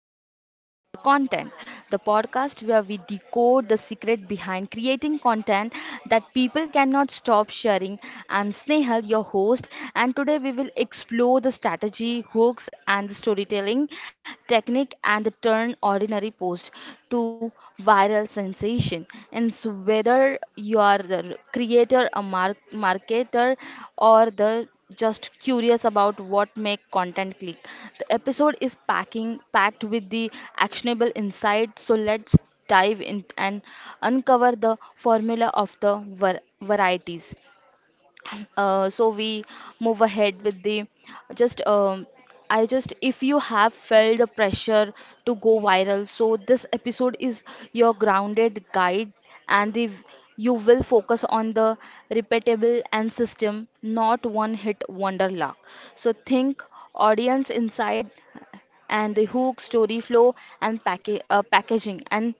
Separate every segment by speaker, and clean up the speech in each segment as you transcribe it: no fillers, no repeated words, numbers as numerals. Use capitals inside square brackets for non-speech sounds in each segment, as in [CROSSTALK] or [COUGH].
Speaker 1: How to Make Viral Content, the podcast where we decode the secret behind creating content that people cannot stop sharing. I'm Snehal, your host, and today we will explore the strategy, hooks, and the storytelling technique and the turn ordinary post to viral sensation. And so whether you are the creator, a marketer, or the just curious about what make content click. The episode is packing packed with the actionable insight, so let's dive in and uncover the formula of the varieties. So we move ahead with the just I just if you have felt the pressure to go viral, so this episode is your grounded guide, and the you will focus on the repeatable and system, not one hit wonder luck. So think audience inside, and the hook story flow, and packaging and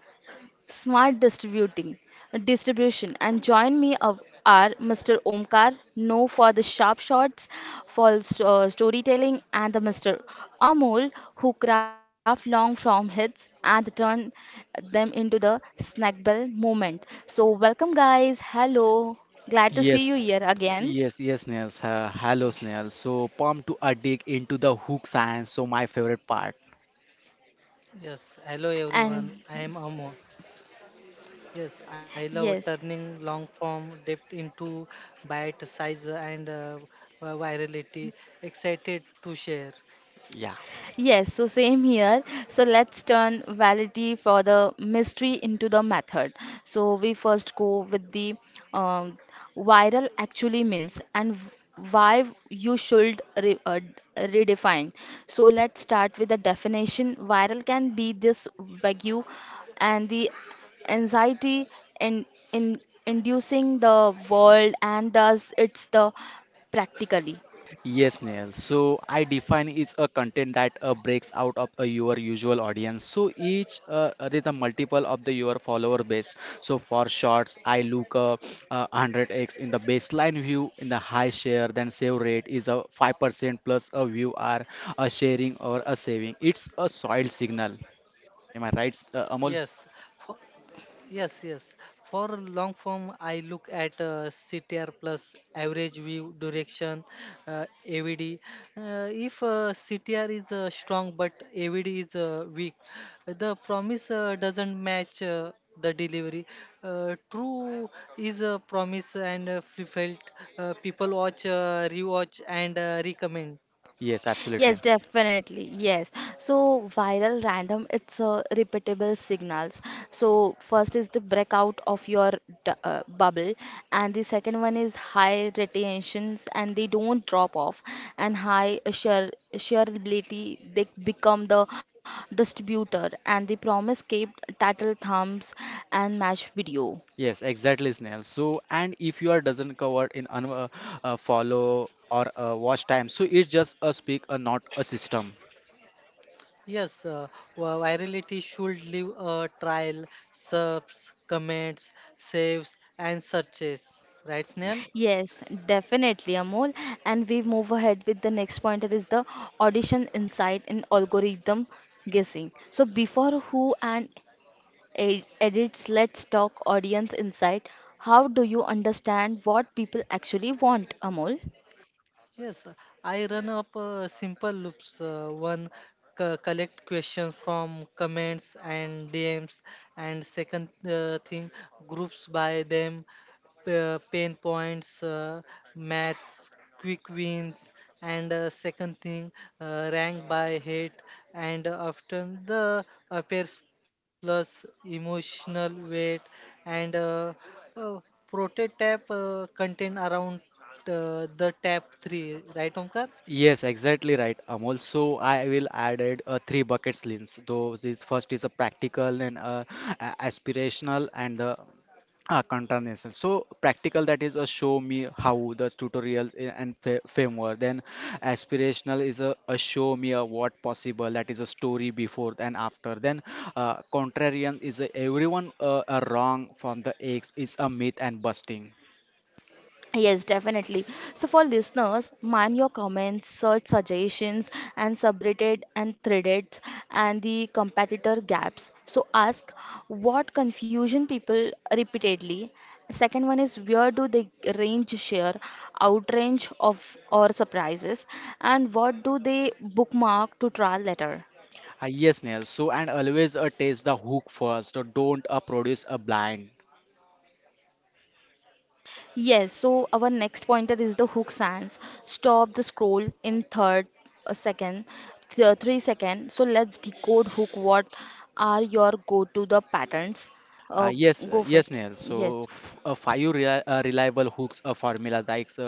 Speaker 1: Smart Distributing Distribution, and join me of are Mr. Omkar, no for the sharp shots, for storytelling, and the Mr. Amol who craft long form hits and turn them into the snack bell moment. So welcome guys, hello, glad to see you
Speaker 2: Yes,
Speaker 1: here again.
Speaker 2: yes, yes, Snails. Hello, Snails. So, pumped to a dig into the hook science. So, my favorite part.
Speaker 3: Yes, hello
Speaker 1: And
Speaker 3: everyone. I am Amo. Yes, I love
Speaker 1: yes.
Speaker 3: turning long form depth into bite size and virality. Excited to share.
Speaker 2: Yeah.
Speaker 1: Yes, so same here. So let's turn validity for the mystery into the method. So we first go with the um, viral actually means and why you should re redefine. So let's start with the definition. Viral can be this vague, and the anxiety in, in inducing the world, and thus it's the practically.
Speaker 2: Yes, Neil. So I define is a content that breaks out of your usual audience. So each is a multiple of the your follower base. So for shorts, I look 100x in the baseline view in the high share, then save rate is a 5% plus a view are a sharing or a saving. It's a soil signal. Am I right,
Speaker 3: Yes,
Speaker 2: Amol?
Speaker 3: for, Yes, yes. For long form, I look at CTR plus average view direction, AVD. If CTR is strong but AVD is weak, the promise doesn't match the delivery. True is a promise and fulfilled. People watch, rewatch, and recommend.
Speaker 2: Yes, absolutely.
Speaker 1: Yes, definitely. Yes. So viral random, it's a repeatable signals. So first is the breakout of your bubble, and the second one is high retentions, and they don't drop off, and high shareability. They become the distributor, and the promise kept title thumbs and match video.
Speaker 2: Yes, exactly, Snail. So, and if you are doesn't cover in un follow or watch time, so it's just a speak, not a system.
Speaker 3: Yes, uh, Virality should leave a trial, subs, comments, saves, and searches. Right, Snail?
Speaker 1: Yes, definitely, Amol. And we move ahead with the next point that is the audition insight in algorithm guessing. So before who and edits, let's talk audience insight. How do you understand what people actually want, Amol?
Speaker 3: Yes, uh, I run up simple loops. One, collect questions from comments and DMs, and second thing, groups by them, pain points, maths, quick wins, and second, rank by hate, and often the appears plus emotional weight and uh, prototype content around the tab 3, right, Omkar?
Speaker 2: Yes, exactly right, Amol. So I will added three buckets lens. Those is first is a practical and aspirational and the continuation. So practical that is a show me how the tutorials and framework. Then aspirational is a show me a what possible. That is a story before and after. Then contrarian is a everyone are wrong from the eggs is a myth and busting.
Speaker 1: Yes, definitely. So, for listeners, mind your comments, search suggestions, and subreddit and threaded and the competitor gaps. So, ask what confusion people repeatedly. Second one is where do they range share, outrange of or surprises, and what do they bookmark to trial later.
Speaker 2: Yes, Neil. So, and always taste the hook first. Don't produce a blind.
Speaker 1: Yes, so our next pointer is the hook sands. Stop the scroll in third a second, 3 second. So let's decode hook. What are your go-to the patterns? Uh,
Speaker 2: Yes,
Speaker 1: go
Speaker 2: yes,
Speaker 1: first.
Speaker 2: Neil. So,
Speaker 1: Yes.
Speaker 2: f five rea reliable hooks formula like uh,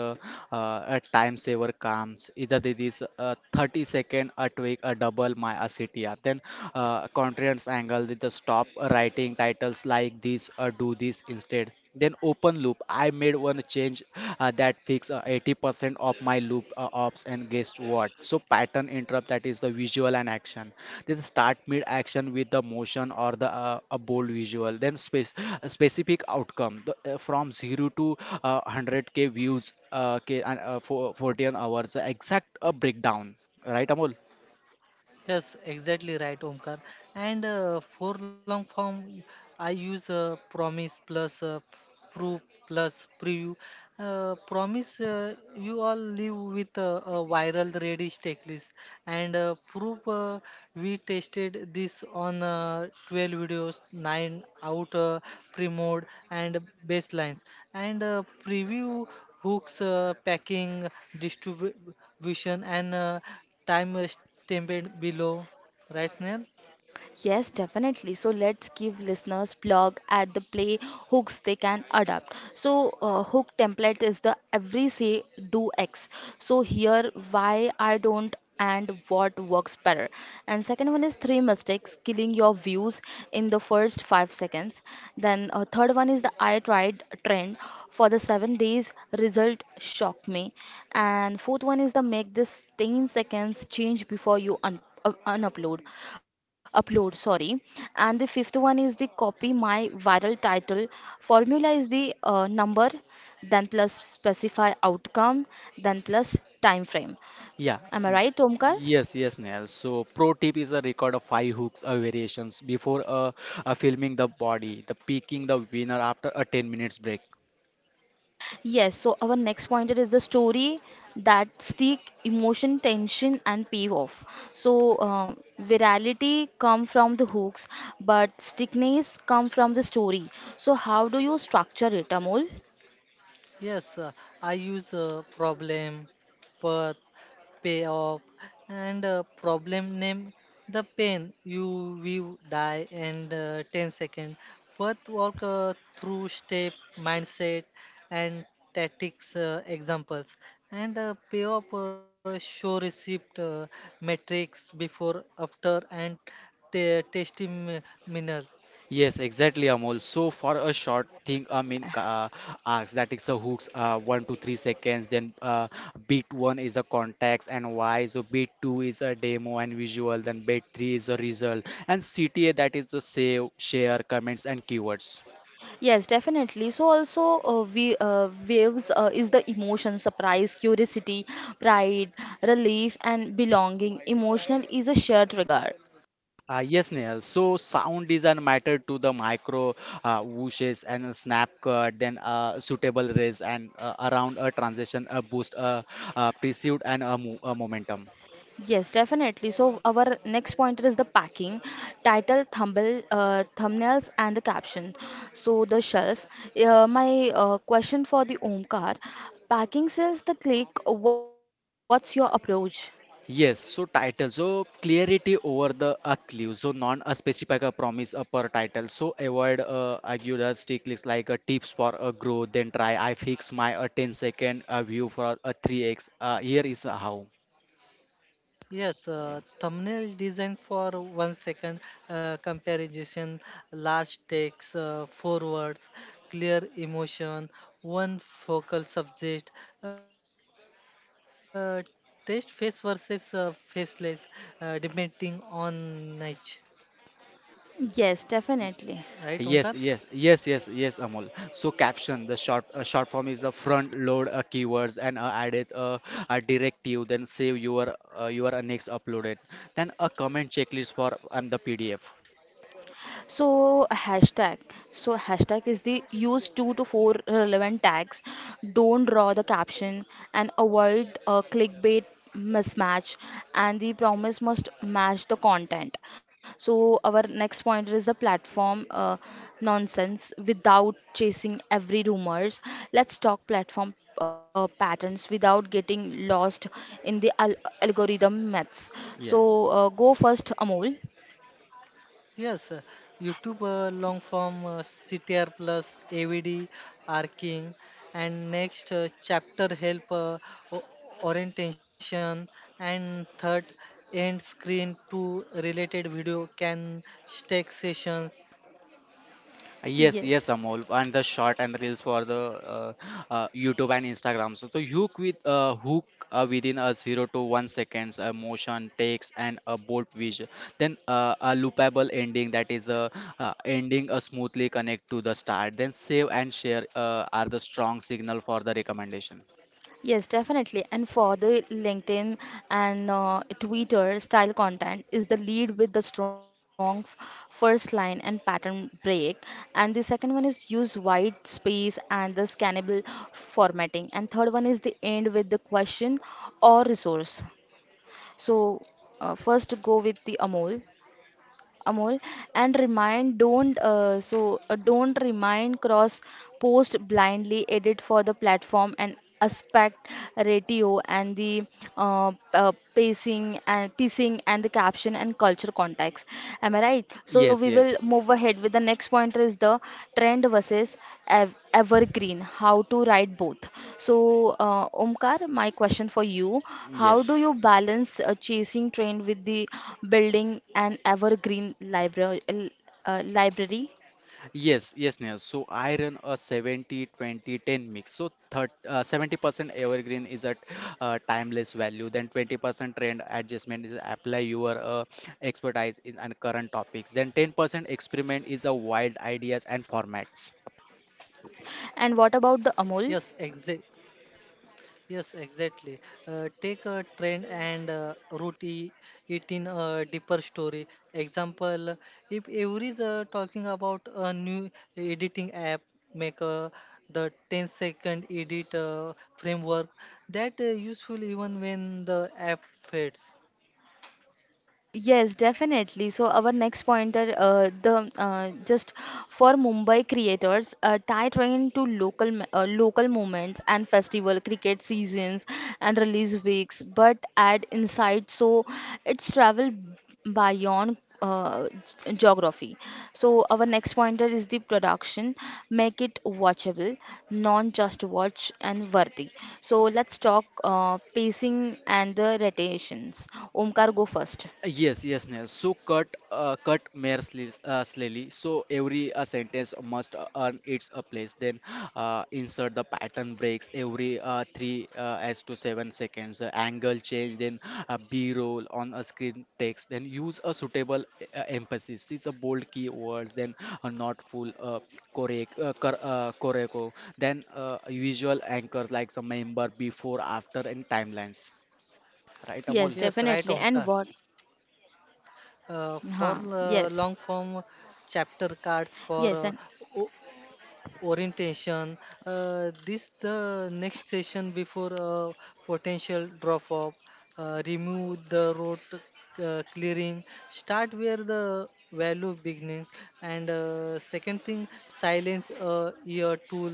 Speaker 2: uh, a time saver comes. Either it is 30 second a tweak, a double my a CTR. Then, contrast angle with the stop writing titles like this, do this instead. Then open loop. I made one change that fixed 80% of my loop ops and guess what? So pattern interrupt that is the visual and action. Then start mid action with the motion or the a bold visual. Then space specific outcome from zero to 100K views K, and, for 14 hours. Exact breakdown, right, Amol?
Speaker 3: Yes Exactly right, Omkar. And for long form I use promise plus proof plus preview. Promise you all live with a viral Redis tech list and proof we tested this on 12 videos, 9 out pre mode and baselines and preview hooks, packing, distribution and time stamped below, right, Snail?
Speaker 1: Yes, definitely. So let's give listeners blog at the play hooks they can adapt. So hook template is the every say do X. So here why I don't and what works better. And second one is three mistakes killing your views in the first 5 seconds. Then third one is the I tried trend for the 7 days result shock me, and fourth one is the make this 10 seconds change before you un- unupload upload, sorry, and the fifth one is the copy my viral title formula is the number then plus specify outcome then plus time frame.
Speaker 2: Yeah,
Speaker 1: Am I
Speaker 2: Snehal.
Speaker 1: right, Omkar?
Speaker 2: Yes, yes, Snehal. So, pro tip is a record of five hooks or variations before filming the body, the picking the winner after a 10 minutes break.
Speaker 1: Yes, so our next pointer is the story that stick emotion, tension, and pay off. So virality come from the hooks, but stickness come from the story. So how do you structure it, Amol?
Speaker 3: Yes, uh, I use problem, path, payoff. And problem name the pain you will die and 10 second. Path, walk through step, mindset, and tactics examples. And payoff, show receipt, metrics before, after, and testimonial.
Speaker 2: Yes, exactly, Amol. So, for a short thing, I mean, arcs that is a hooks, 1 to 3 seconds. Then, beat one is a context and why. So, beat two is a demo and visual. Then, beat three is a result. And CTA that is a save, share, comments, and keywords.
Speaker 1: Yes, definitely. So also, we waves is the emotion, surprise, curiosity, pride, relief, and belonging. Emotional is a shared regard.
Speaker 2: Yes, Nehal. So sound design matter to the micro whooshes and a snap cut, then a suitable raise and around a transition, a boost, a pursuit and a momentum.
Speaker 1: Yes, definitely. So our next pointer is the packing, title, thumbnail, thumbnails, and the caption. So the shelf. My question for the Omkar, packing says the click. What's your approach?
Speaker 2: Yes, so title. So clarity over the a clue. So non a specific a promise a per title. So avoid agnostic list like a tips for a growth. Then try I fix my a 10 second a view for a 3x. Here is a how.
Speaker 3: Yes, Thumbnail design for 1 second comparison, large text, four words, clear emotion, one focal subject, uh, test face versus faceless, depending on niche.
Speaker 1: Yes,
Speaker 3: Right,
Speaker 1: definitely.
Speaker 3: Omkar?
Speaker 2: Yes, yes, yes, yes, yes, Amol. So caption, the short form is a front load keywords and added a directive, then save your next uploaded, then a comment checklist for and the PDF.
Speaker 1: So hashtag. So hashtag is the use two to four relevant tags. Don't draw the caption and avoid a clickbait mismatch, and the promise must match the content. So our next pointer is the platform nonsense without chasing every rumors. Let's talk platform patterns without getting lost in the al algorithm myths. So go first, Amol.
Speaker 3: Yes, uh, YouTube long form CTR plus AVD are king, and next chapter help o- orientation, and third, end screen to related video can stack sessions.
Speaker 2: Yes, yes,
Speaker 1: Yes.
Speaker 2: Amol, and the short and the reels for the YouTube and Instagram. So, hook within a 0 to 1 seconds, a motion, text, and a bold visual. Then a loopable ending that is the ending a smoothly connect to the start. Then save and share are the strong signal for the recommendation.
Speaker 1: Yes, definitely. And for the LinkedIn and Twitter style content is the lead with the strong first line and pattern break. And the second one is use white space and the scannable formatting. And third one is the end with the question or resource. So first go with the Amol. Amol, and remind don't don't remind cross post blindly, edit for the platform and aspect ratio, and the pacing and the caption and culture context. Am I right? So we
Speaker 2: Yes,
Speaker 1: will
Speaker 2: yes,
Speaker 1: move ahead with the next pointer is the trend versus evergreen, how to write both. So Omkar, my question for you, how do
Speaker 2: yes.
Speaker 1: you balance chasing trend with the building an evergreen library?
Speaker 2: Yes, yes, Neha. So I run a 70 20 10 mix. So third, 70% evergreen is at timeless value, then 20% trend adjustment is apply your expertise in and current topics, then 10% experiment is a wild ideas and formats.
Speaker 1: And what
Speaker 3: Yes,
Speaker 1: about the
Speaker 3: exact.
Speaker 1: Amol?
Speaker 3: Yes, exactly. Take a trend and root it in a deeper story. Example, if every is talking about a new editing app, make the 10-second edit framework that useful even when the app fades.
Speaker 1: Yes, definitely. So our next pointer, the just for Mumbai creators, tie train to local local moments and festival, cricket seasons and release weeks, but add insight so it's travel beyond geography. So our next pointer is the production, make it watchable, non just watch and worthy. So let's talk pacing and the rotations. Omkar, go first.
Speaker 2: Yes, yes, Neil. So cut mere slowly. So every sentence must earn its a place. Then insert the pattern breaks every three as to 7 seconds. Angle change. Then B-roll on a screen text. Then use a suitable emphasis. It's a bold keywords. Then not full correct. Then visual anchors like some member before, after, and timelines. Right,
Speaker 1: Yes,
Speaker 2: Amol?
Speaker 3: Yes, right,
Speaker 1: definitely. And
Speaker 3: Omkar.
Speaker 1: what? Huh. Yes.
Speaker 3: For long form,
Speaker 1: Yes. And
Speaker 3: chapter cards for uh, orientation, this the next session before potential drop off. Remove the road, clearing start where the value beginning. And uh, second thing silence your tool,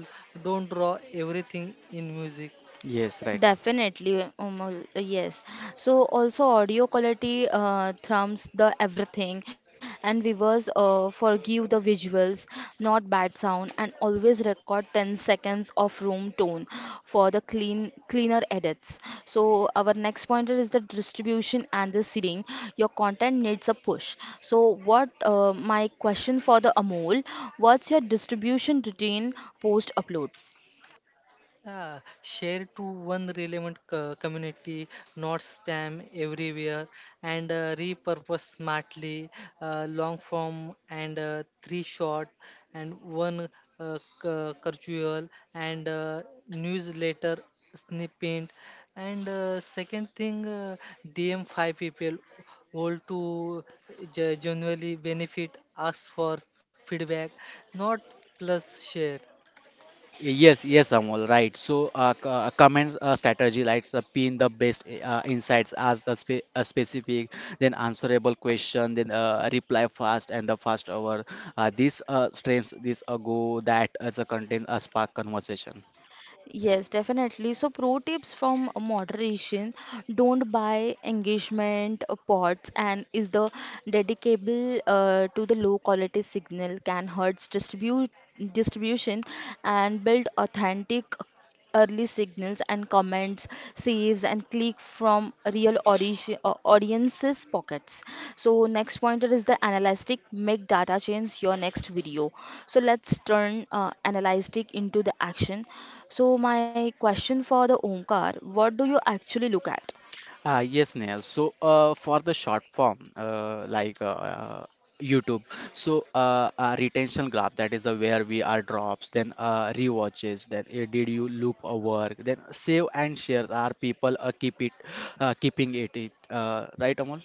Speaker 3: don't draw everything in music.
Speaker 2: Yes, right.
Speaker 1: definitely, Umul, yes. So also audio quality trumps the everything, and viewers forgive the visuals, not bad sound, and always record 10 seconds of room tone for the cleaner edits. So our next pointer is the distribution and the seeding. Your content needs a push. So what my question for the Amol, what's your distribution routine post upload?
Speaker 3: Yeah, share to one relevant community, not spam everywhere, and repurpose smartly, long form and three short, and one curriculum and newsletter snippet. And second, DM five people all to genuinely benefit, ask for feedback, not plus share.
Speaker 2: Yes, yes, Amol, right. So, comments strategy, like pin the best insights as the specific, then answerable question, then reply fast and the fast over. This strengths, this go that as a content, a spark conversation.
Speaker 1: Yes, definitely. So, pro tips from moderation, don't buy engagement pots and is the dedicable to the low quality signal can hurts distribute distribution, and build authentic early signals and comments, saves, and click from real audiences pockets. So next pointer is the analytic. Make data change your next video. So let's turn analytic into the action. So my question for the Omkar, what do you actually look at?
Speaker 2: Yes, Neil. So, for the short form, like YouTube, so a retention graph that is where we are drops, then rewatches, then did you loop a work, then save and share. Are people keeping it, right, Amol?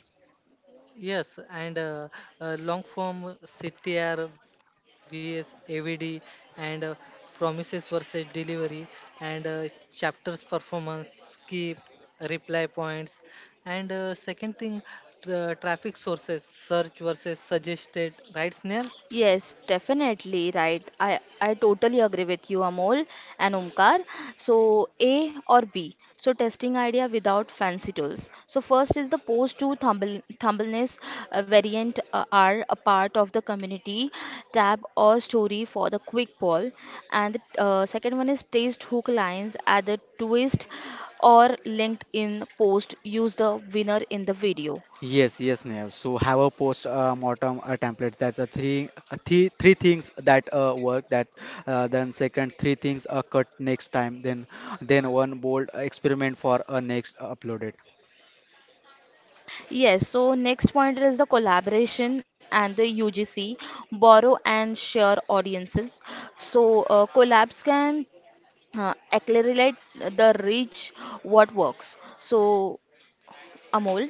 Speaker 3: Yes, and Long form CTR, VS, AVD, and promises versus delivery, and chapters performance, skip, reply points, and second thing, tra- traffic sources, search versus suggested, right, Snail?
Speaker 1: Yes, definitely right. I totally agree with you, Amol and Omkar. So, A or B. So, testing idea without fancy tools. So, first is the post to thumbl thumbnails variant are a part of the community tab or story for the quick poll. And the second one is taste hook lines at the twist or linked in post. Use the winner in the video.
Speaker 2: Yes, yes, Neil. So have a post mortem template that the three things that work that then second three things are cut next time then one bold experiment for next uploaded.
Speaker 1: Yes, so next pointer is the collaboration and the UGC, borrow and share audiences. So collabs can accelerate the reach what works. So Amol.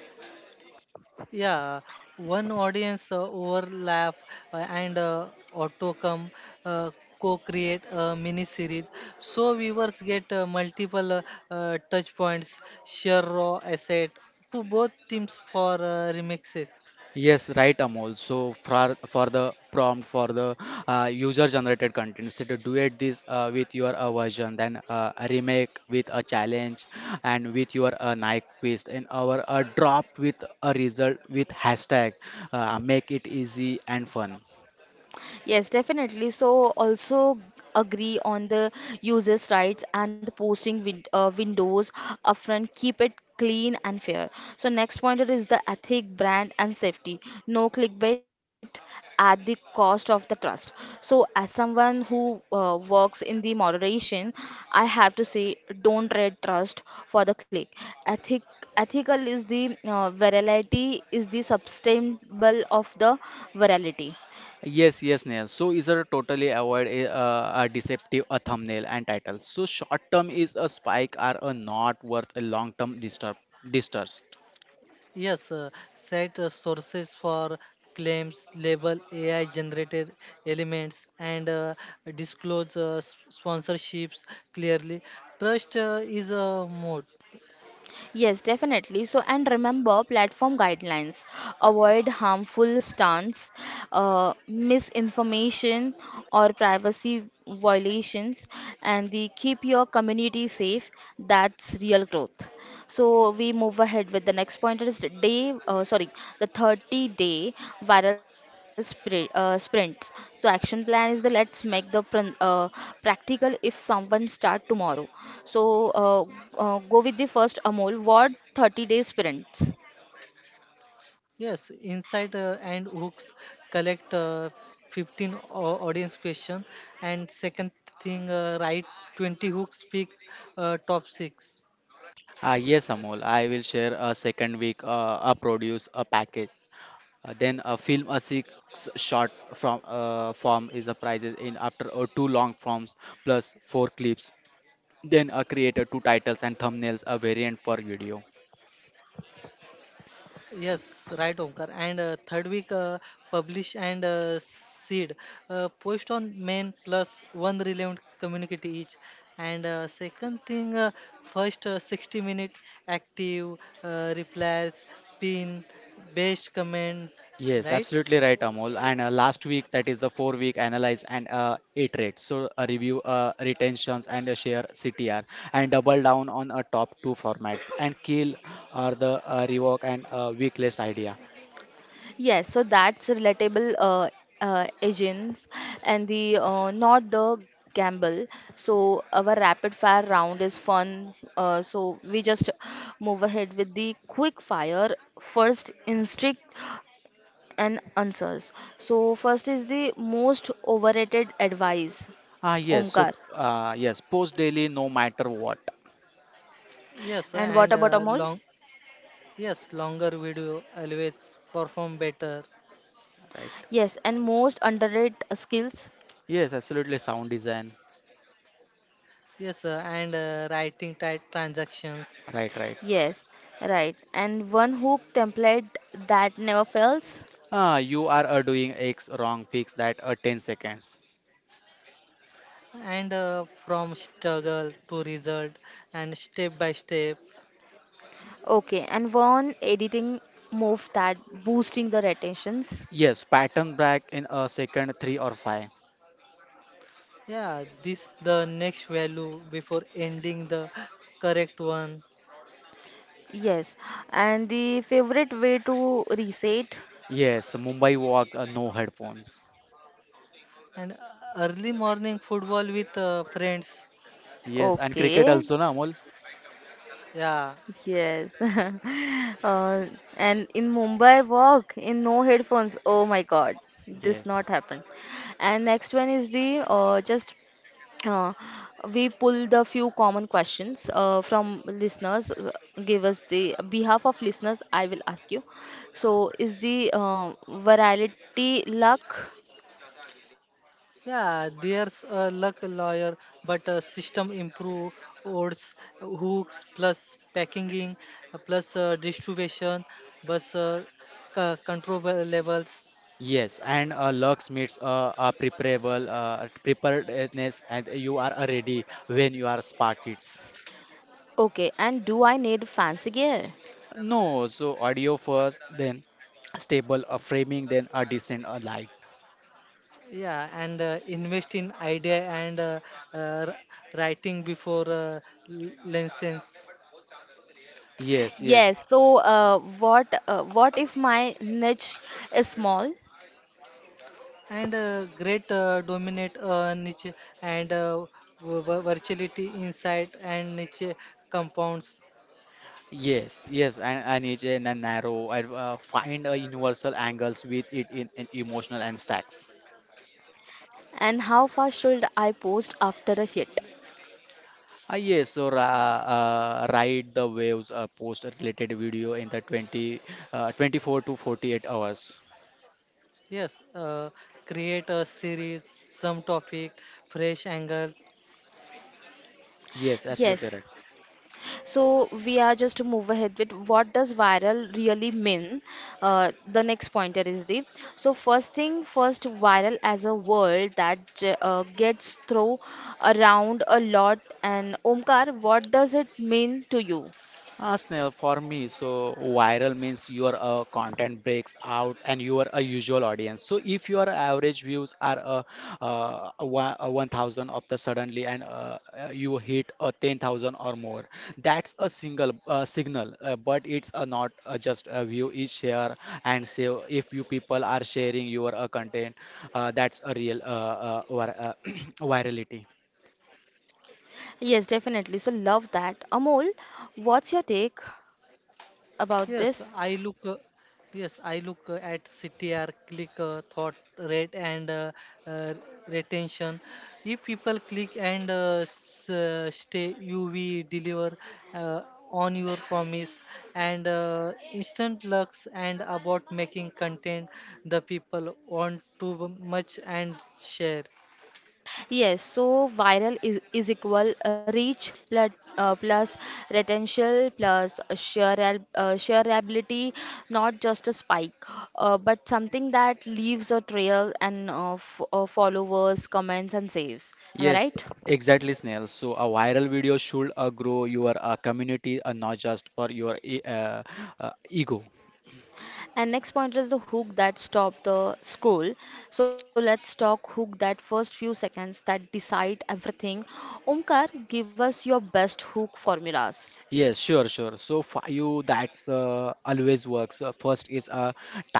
Speaker 3: Yeah, one audience overlap and autocom uh, co-create a mini series, so viewers get multiple touch points, share raw asset to both teams for remixes.
Speaker 2: Yes, right, Amol. So for the prompt for the user-generated content, instead of duet this with your version, then a remake with a challenge, and with your Nike quiz, and our drop with a result with hashtag, make it easy and fun.
Speaker 1: Yes, definitely. So also agree on the users' rights and the posting windows upfront. Keep it clean and fair. So next pointer is the ethic, brand, and safety. No clickbait at the cost of the trust. So as someone who works in the moderation, I have to say don't trade trust for the click. Ethic Ethical is the virality is the sustainable of the virality.
Speaker 2: Yes, yes, Neil. So is a totally avoid a deceptive a thumbnail and title. So short term is a spike or a not worth a long term disturb distrust.
Speaker 3: Yes, set sources for claims, label AI generated elements, and disclose sponsorships clearly. Trust is a mode.
Speaker 1: Yes, definitely. So, and remember platform guidelines. Avoid harmful stunts, misinformation, or privacy violations, and the keep your community safe. That's real growth. So, we move ahead with the next point is the day, sorry, the 30-day viral sprint, sprints. So action plan is the let's make the practical if someone start tomorrow. So uh, go with the first Amol. What 30-day sprints?
Speaker 3: Yes, Inside and hooks, collect 15 audience question, and second thing write 20 hooks, pick top 6.
Speaker 2: Yes, Amol. I will share a second week, a produce, a package. Then a film, a six short from form is a prizes in after two long forms plus four clips. Then a creator, two titles and thumbnails, a variant per video.
Speaker 3: Yes, right, Omkar. And third week, publish and seed, post on main plus one relevant community each. And second thing first 60-minute active replies, pin best comment,
Speaker 2: Yes,
Speaker 3: right?
Speaker 2: absolutely right, Amol. And last week, that is the 4 week analyze and iterate. So a review retentions and a share CTR and double down on a top two formats and kill are the rework and weak list idea.
Speaker 1: Yes, so that's relatable, agents and the not the gamble. So our rapid fire round is fun. So we just move ahead with the quick fire first instinct and answers. So first is the most overrated advice,
Speaker 2: Ah, yes. So,
Speaker 1: Omkar.
Speaker 2: yes, post daily, no matter what,
Speaker 3: Yes,
Speaker 1: And what
Speaker 3: and
Speaker 1: about
Speaker 3: uh,
Speaker 1: Amol?
Speaker 3: long yes, Longer video always perform better.
Speaker 2: right?
Speaker 1: Yes, and most underrated skills.
Speaker 2: Yes, absolutely. Sound design,
Speaker 3: Yes, and writing tight transactions,
Speaker 2: right, right.
Speaker 1: Yes, right. And one hook template that never fails.
Speaker 2: Ah, you are doing X wrong. Fix that. 10 seconds.
Speaker 3: and from struggle to result and step by step.
Speaker 1: Okay, and one editing move that boosting the retentions.
Speaker 2: Yes, pattern break in a second, three or five.
Speaker 3: Yeah, this the next value before ending the correct one,
Speaker 1: Yes, and the favorite way to reset.
Speaker 2: Yes, Mumbai walk. No headphones.
Speaker 3: and early morning football with friends.
Speaker 2: Yes, and cricket
Speaker 1: Okay,
Speaker 2: also, na Amol?
Speaker 3: Yeah,
Speaker 1: yes. [LAUGHS] Uh, and in Mumbai, walk in no headphones. Oh my God, this
Speaker 2: Yes.
Speaker 1: not happen. And next one is the just Uh, we pulled a few common questions from listeners. Give us the behalf of listeners. I will ask you. So, is the virality luck?
Speaker 3: Yeah, there's a luck lawyer, but a system improve odds, hooks plus packaging, plus distribution, plus control levels.
Speaker 2: Yes, and Lux meets a preparable preparedness, and you are ready when you are spark hits.
Speaker 1: Okay, and do I need fancy gear?
Speaker 2: No, so audio first, then stable a framing, then a decent a light.
Speaker 3: Yeah, and invest in idea and uh, r- writing before license.
Speaker 2: Yes, yes,
Speaker 1: Yes. So, what if my niche is small?
Speaker 3: And great, dominate niche and virtuality inside and niche compounds.
Speaker 2: yes, yes. And each and a narrow. I find a universal angles with it in emotional and stacks.
Speaker 1: And how far should I post after a hit?
Speaker 2: Ah, yes, so ra ride the waves. Post a related video in the 20, 24 to 48 hours.
Speaker 3: Yes, uh, Create a series, some topic, fresh angles.
Speaker 2: Yes, absolutely
Speaker 1: Yes.
Speaker 2: right.
Speaker 1: So we are just to move ahead with what does viral really mean? The next pointer is the so first thing first viral as a word that gets thrown around a lot. And Omkar, what does it mean to you?
Speaker 2: Ah, Snell, for me, so viral means your content breaks out and you are a usual audience. So if your average views are one, 1,000 of the suddenly and you hit 10,000 or more, that's a single signal. But it's not just a view is share and say if you people are sharing your content, that's a real [CLEARS THROAT] virality.
Speaker 1: Yes, definitely. So love that. Amol, what's your take about
Speaker 3: Yes,
Speaker 1: this?
Speaker 3: I look. Uh, yes, I look at CTR, click thought rate and uh, retention. If people click and stay, you will deliver uh, on your promise and instant lux, and about making content the people want to much and share.
Speaker 1: Yes, so viral is equal reach plus, uh, plus retention plus shareability, not just a spike, but something that leaves a trail and f followers, comments, and saves. Am I
Speaker 2: Yes,
Speaker 1: right?
Speaker 2: exactly, Snail. So a viral video should grow your community and not just for your ego.
Speaker 1: And next point is the hook that stop the scroll. So let's talk hook, that first few seconds that decide everything. Omkar, give us your best hook formulas.
Speaker 2: Yes, sure, sure. So for you, that's always works. First is a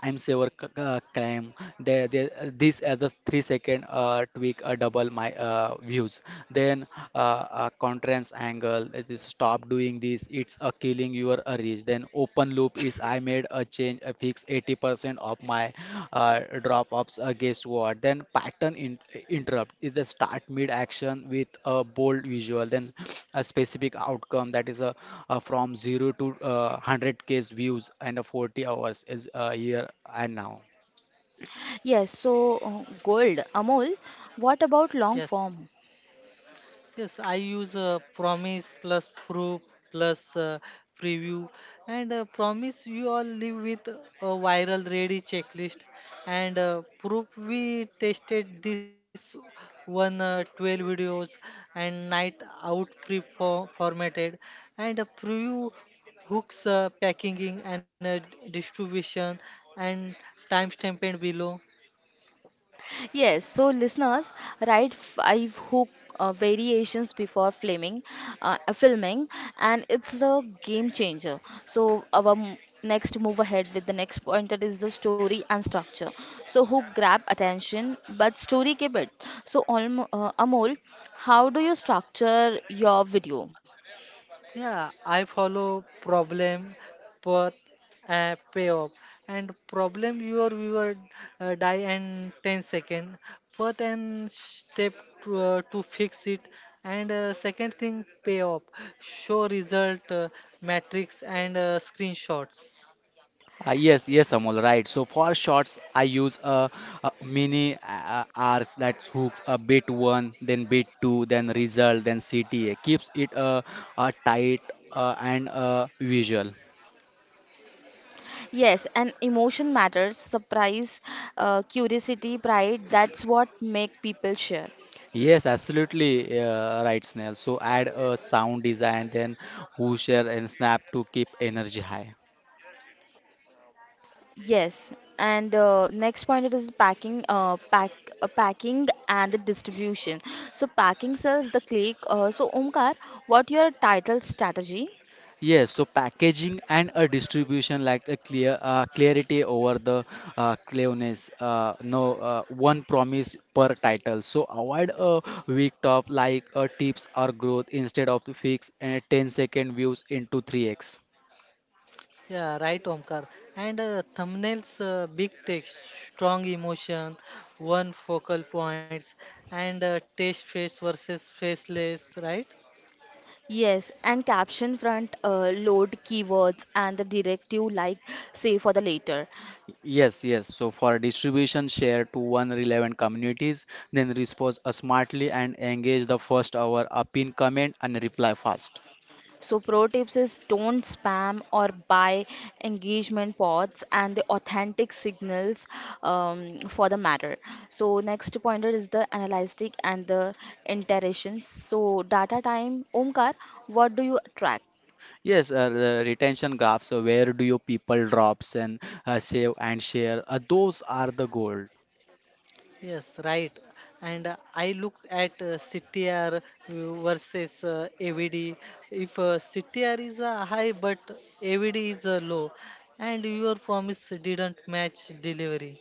Speaker 2: time saver claim. This as a 3 second tweak, double my views. Then uh, a conference angle. It is stop doing this. It's killing your reach. Then open loop is I made a change, a fix 80% of my drop-offs. Guess what? Then pattern in interrupt is the start mid action with a bold visual, then a specific outcome that is a from zero to 100K views and a 40 hours is here and now.
Speaker 1: Yes, so gold, Amol, what about long
Speaker 3: Yes.
Speaker 1: form?
Speaker 3: Yes, I use promise plus proof plus preview, and promise you all live with a viral ready checklist and proof we tested this one 12 videos and night out pre formatted and preview hooks, packaging and distribution and timestamped below.
Speaker 1: Yes, so listeners, write five hook variations before filming, and it's a game changer. So our next move ahead with the next pointer is the story and structure. So hook grab attention, but story keep it. So Amol, how do you structure your video?
Speaker 3: Yeah, I follow problem, path, payoff. And problem, your viewer die in 10 second. Path and step to fix it. And second thing payoff, show result, matrix and screenshots.
Speaker 2: Yes, yes, Amol, right. So for shots, I use a mini arcs that hooks a bit one, then bit two, then result, then CTA. Keeps it tight and visual.
Speaker 1: Yes, and emotion matters, surprise, curiosity, pride, that's what make people share.
Speaker 2: Yes, absolutely right, Snell. So add a sound design, then whoosher and snap to keep energy high.
Speaker 1: Yes, and next point it is packing and the distribution. So packing sells the click. So Omkar, what your title strategy?
Speaker 2: Yes, so packaging and a distribution like a clear clarity over the clearness. No, one promise per title. So avoid a weak top like a tips or growth instead of the fix and 10 second views into 3x.
Speaker 3: Yeah, right, Omkar. And thumbnails, big text, strong emotion, one focal points, and test face versus faceless, right?
Speaker 1: Yes, and caption front load keywords and the directive like say for the later.
Speaker 2: Yes, yes. So for distribution, share to one relevant communities, then respond smartly and engage the first hour, up in comment and reply fast.
Speaker 1: So pro tips is don't spam or buy engagement pods and the authentic signals for the matter. So next pointer is the analytic and the iterations. So data time, Omkar, what do you track?
Speaker 2: Yes, the retention graphs. So where do your people drops and save and share? Those are the gold.
Speaker 3: Yes, right. And I look at CTR versus AVD. If CTR is high but AVD is low, and your promise didn't match delivery.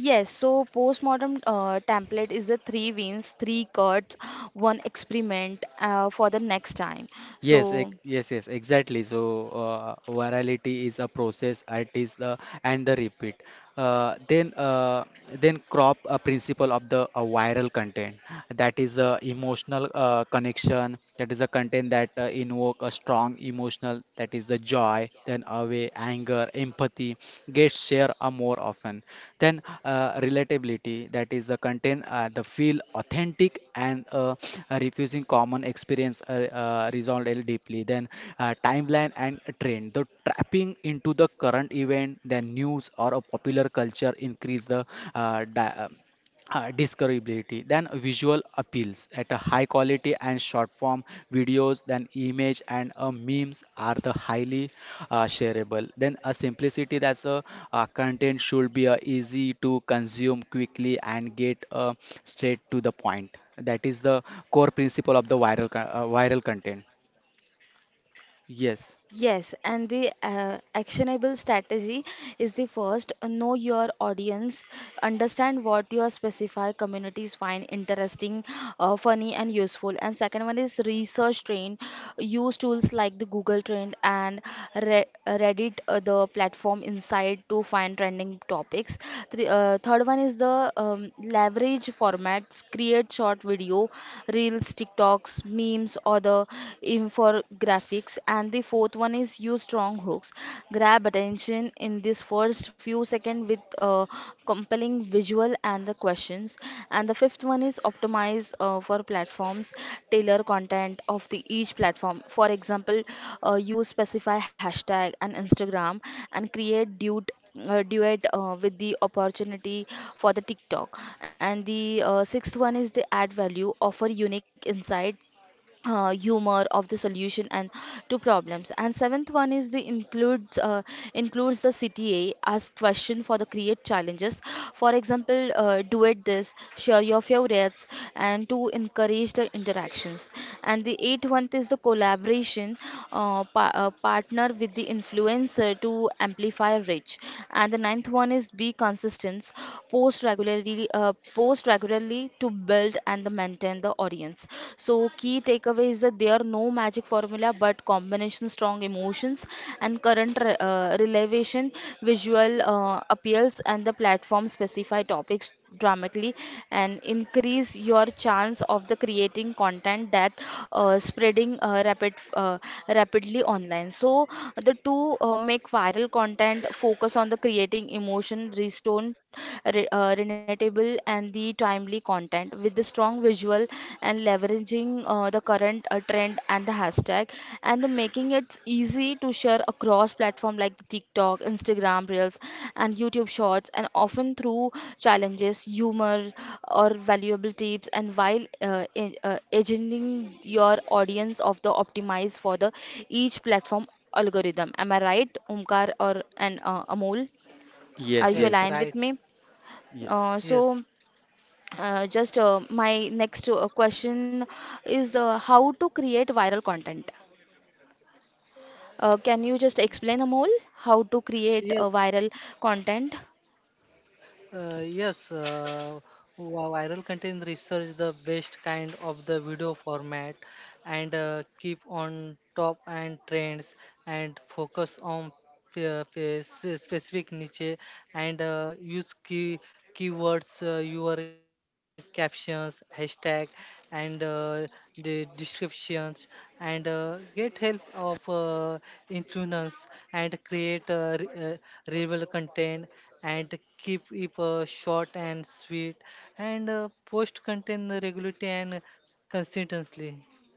Speaker 1: Yes, so postmodern template is the three wins, three cuts, one experiment for the next time.
Speaker 2: Yes,
Speaker 1: So
Speaker 2: yes, yes, exactly. So, virality is a process, it is the and the repeat. Uh, then, uh, then crop a principle of the viral content. That is the emotional connection. That is the content that invoke a strong emotional. That is the joy, then away, anger, empathy. Get share more often. Then relatability. That is the content the feel authentic and refusing common experience is deeply, then timeline and trend. The trapping into the current event, then news or a popular culture increase the uh, di- um, discoverability then visual appeals at a high quality and short form videos then image and memes are the highly shareable then a simplicity that's the content should be easy to consume quickly and get straight to the point that is the core principle of the viral content. Yes,
Speaker 1: yes, and the actionable strategy is the first, know your audience, understand what your specific communities find interesting, funny, and useful. And second one is research train, use tools like the Google Trend and Re Reddit, the platform inside to find trending topics. Three, third one is the leverage formats, create short video, reels, TikToks, memes, or the infographics, and the fourth one is use strong hooks. Grab attention in this first few seconds with compelling visual and the questions. And the fifth one is optimize for platforms, tailor content of the each platform. For example, use specify hashtag and Instagram and create dude duet with the opportunity for the TikTok. And the sixth one is the add value, offer unique insight, humor of the solution and to problems, and seventh one is the includes the cta as question for the create challenges, for example, duet this, share your favorites and to encourage the interactions, and the eighth one is the collaboration, partner with the influencer to amplify reach, and the ninth one is be consistent, post regularly to build and the maintain the audience. So key takeaway is that there are no magic formula but combination strong emotions and current relevation, visual appeals and the platform specify topics dramatically and increase your chance of the creating content that spreading rapidly online. So the two, make viral content focus on the creating emotion restore relatable and the timely content with the strong visual and leveraging the current trend and the hashtag and the making it easy to share across platform like TikTok, Instagram Reels and YouTube Shorts, and often through challenges, humor or valuable tips, and while educating your audience of the optimize for the each platform algorithm. Am I right, Omkar or and Amol? Are
Speaker 2: yes,
Speaker 1: you
Speaker 3: Yes,
Speaker 2: yes,
Speaker 1: aligned
Speaker 3: right.
Speaker 1: with me?
Speaker 2: ye-
Speaker 3: Yes.
Speaker 1: So just my next question is, how to create viral content. Can you just explain, Amol, how to create
Speaker 3: Yes.
Speaker 1: a viral content?
Speaker 3: Uh, yes. Uh, Viral content, research the best kind of the video format, and keep on top and trends, and focus on specific niche, and use key keywords, your captions, hashtag, and the descriptions, and get help of influence, and create reliable content, and keep it short and sweet, and post content regularly and consistently,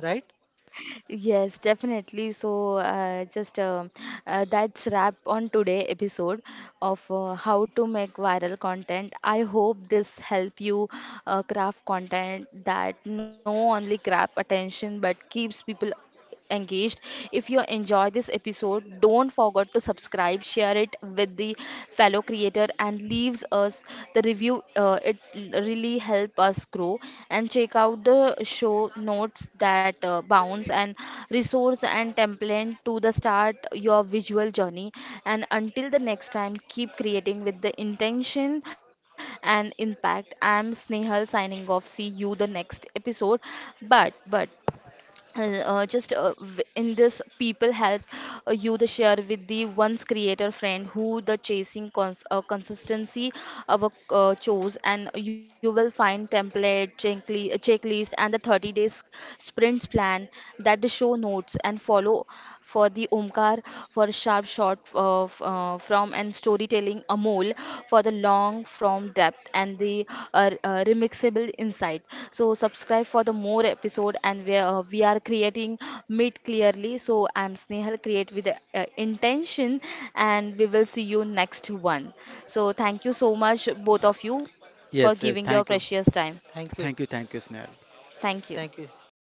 Speaker 3: right?
Speaker 1: Yes, definitely. So, just that's wrap on today episode of how to make viral content. I hope this help you craft content that no only grab attention but keeps people engaged. If you enjoy this episode, don't forget to subscribe, share it with the fellow creator, and leaves us the review. It really help us grow. And check out the show notes that bounce and resource and template to the start your visual journey. And until the next time, keep creating with the intention and impact. I'm Snehal signing off. See you the next episode. But but in this people help you the share with the once creator friend who the chasing consistency of a chose, and you will find template checklist and the 30 days sprints plan that the show notes and follow for the Omkar, for sharp shot of, from and storytelling Amol, for the long from depth and the remixable insight. So subscribe for the more episode, and we are creating meet clearly. So I'm Snehal, create with intention, and we will see you next one. So thank you so much both of you for
Speaker 2: yes, yes.
Speaker 1: giving your
Speaker 2: Thank you,
Speaker 3: Thank
Speaker 1: precious
Speaker 3: you,
Speaker 1: time.
Speaker 2: thank you, thank you, Snehal.
Speaker 3: thank you,
Speaker 1: Thank you.
Speaker 3: thank you.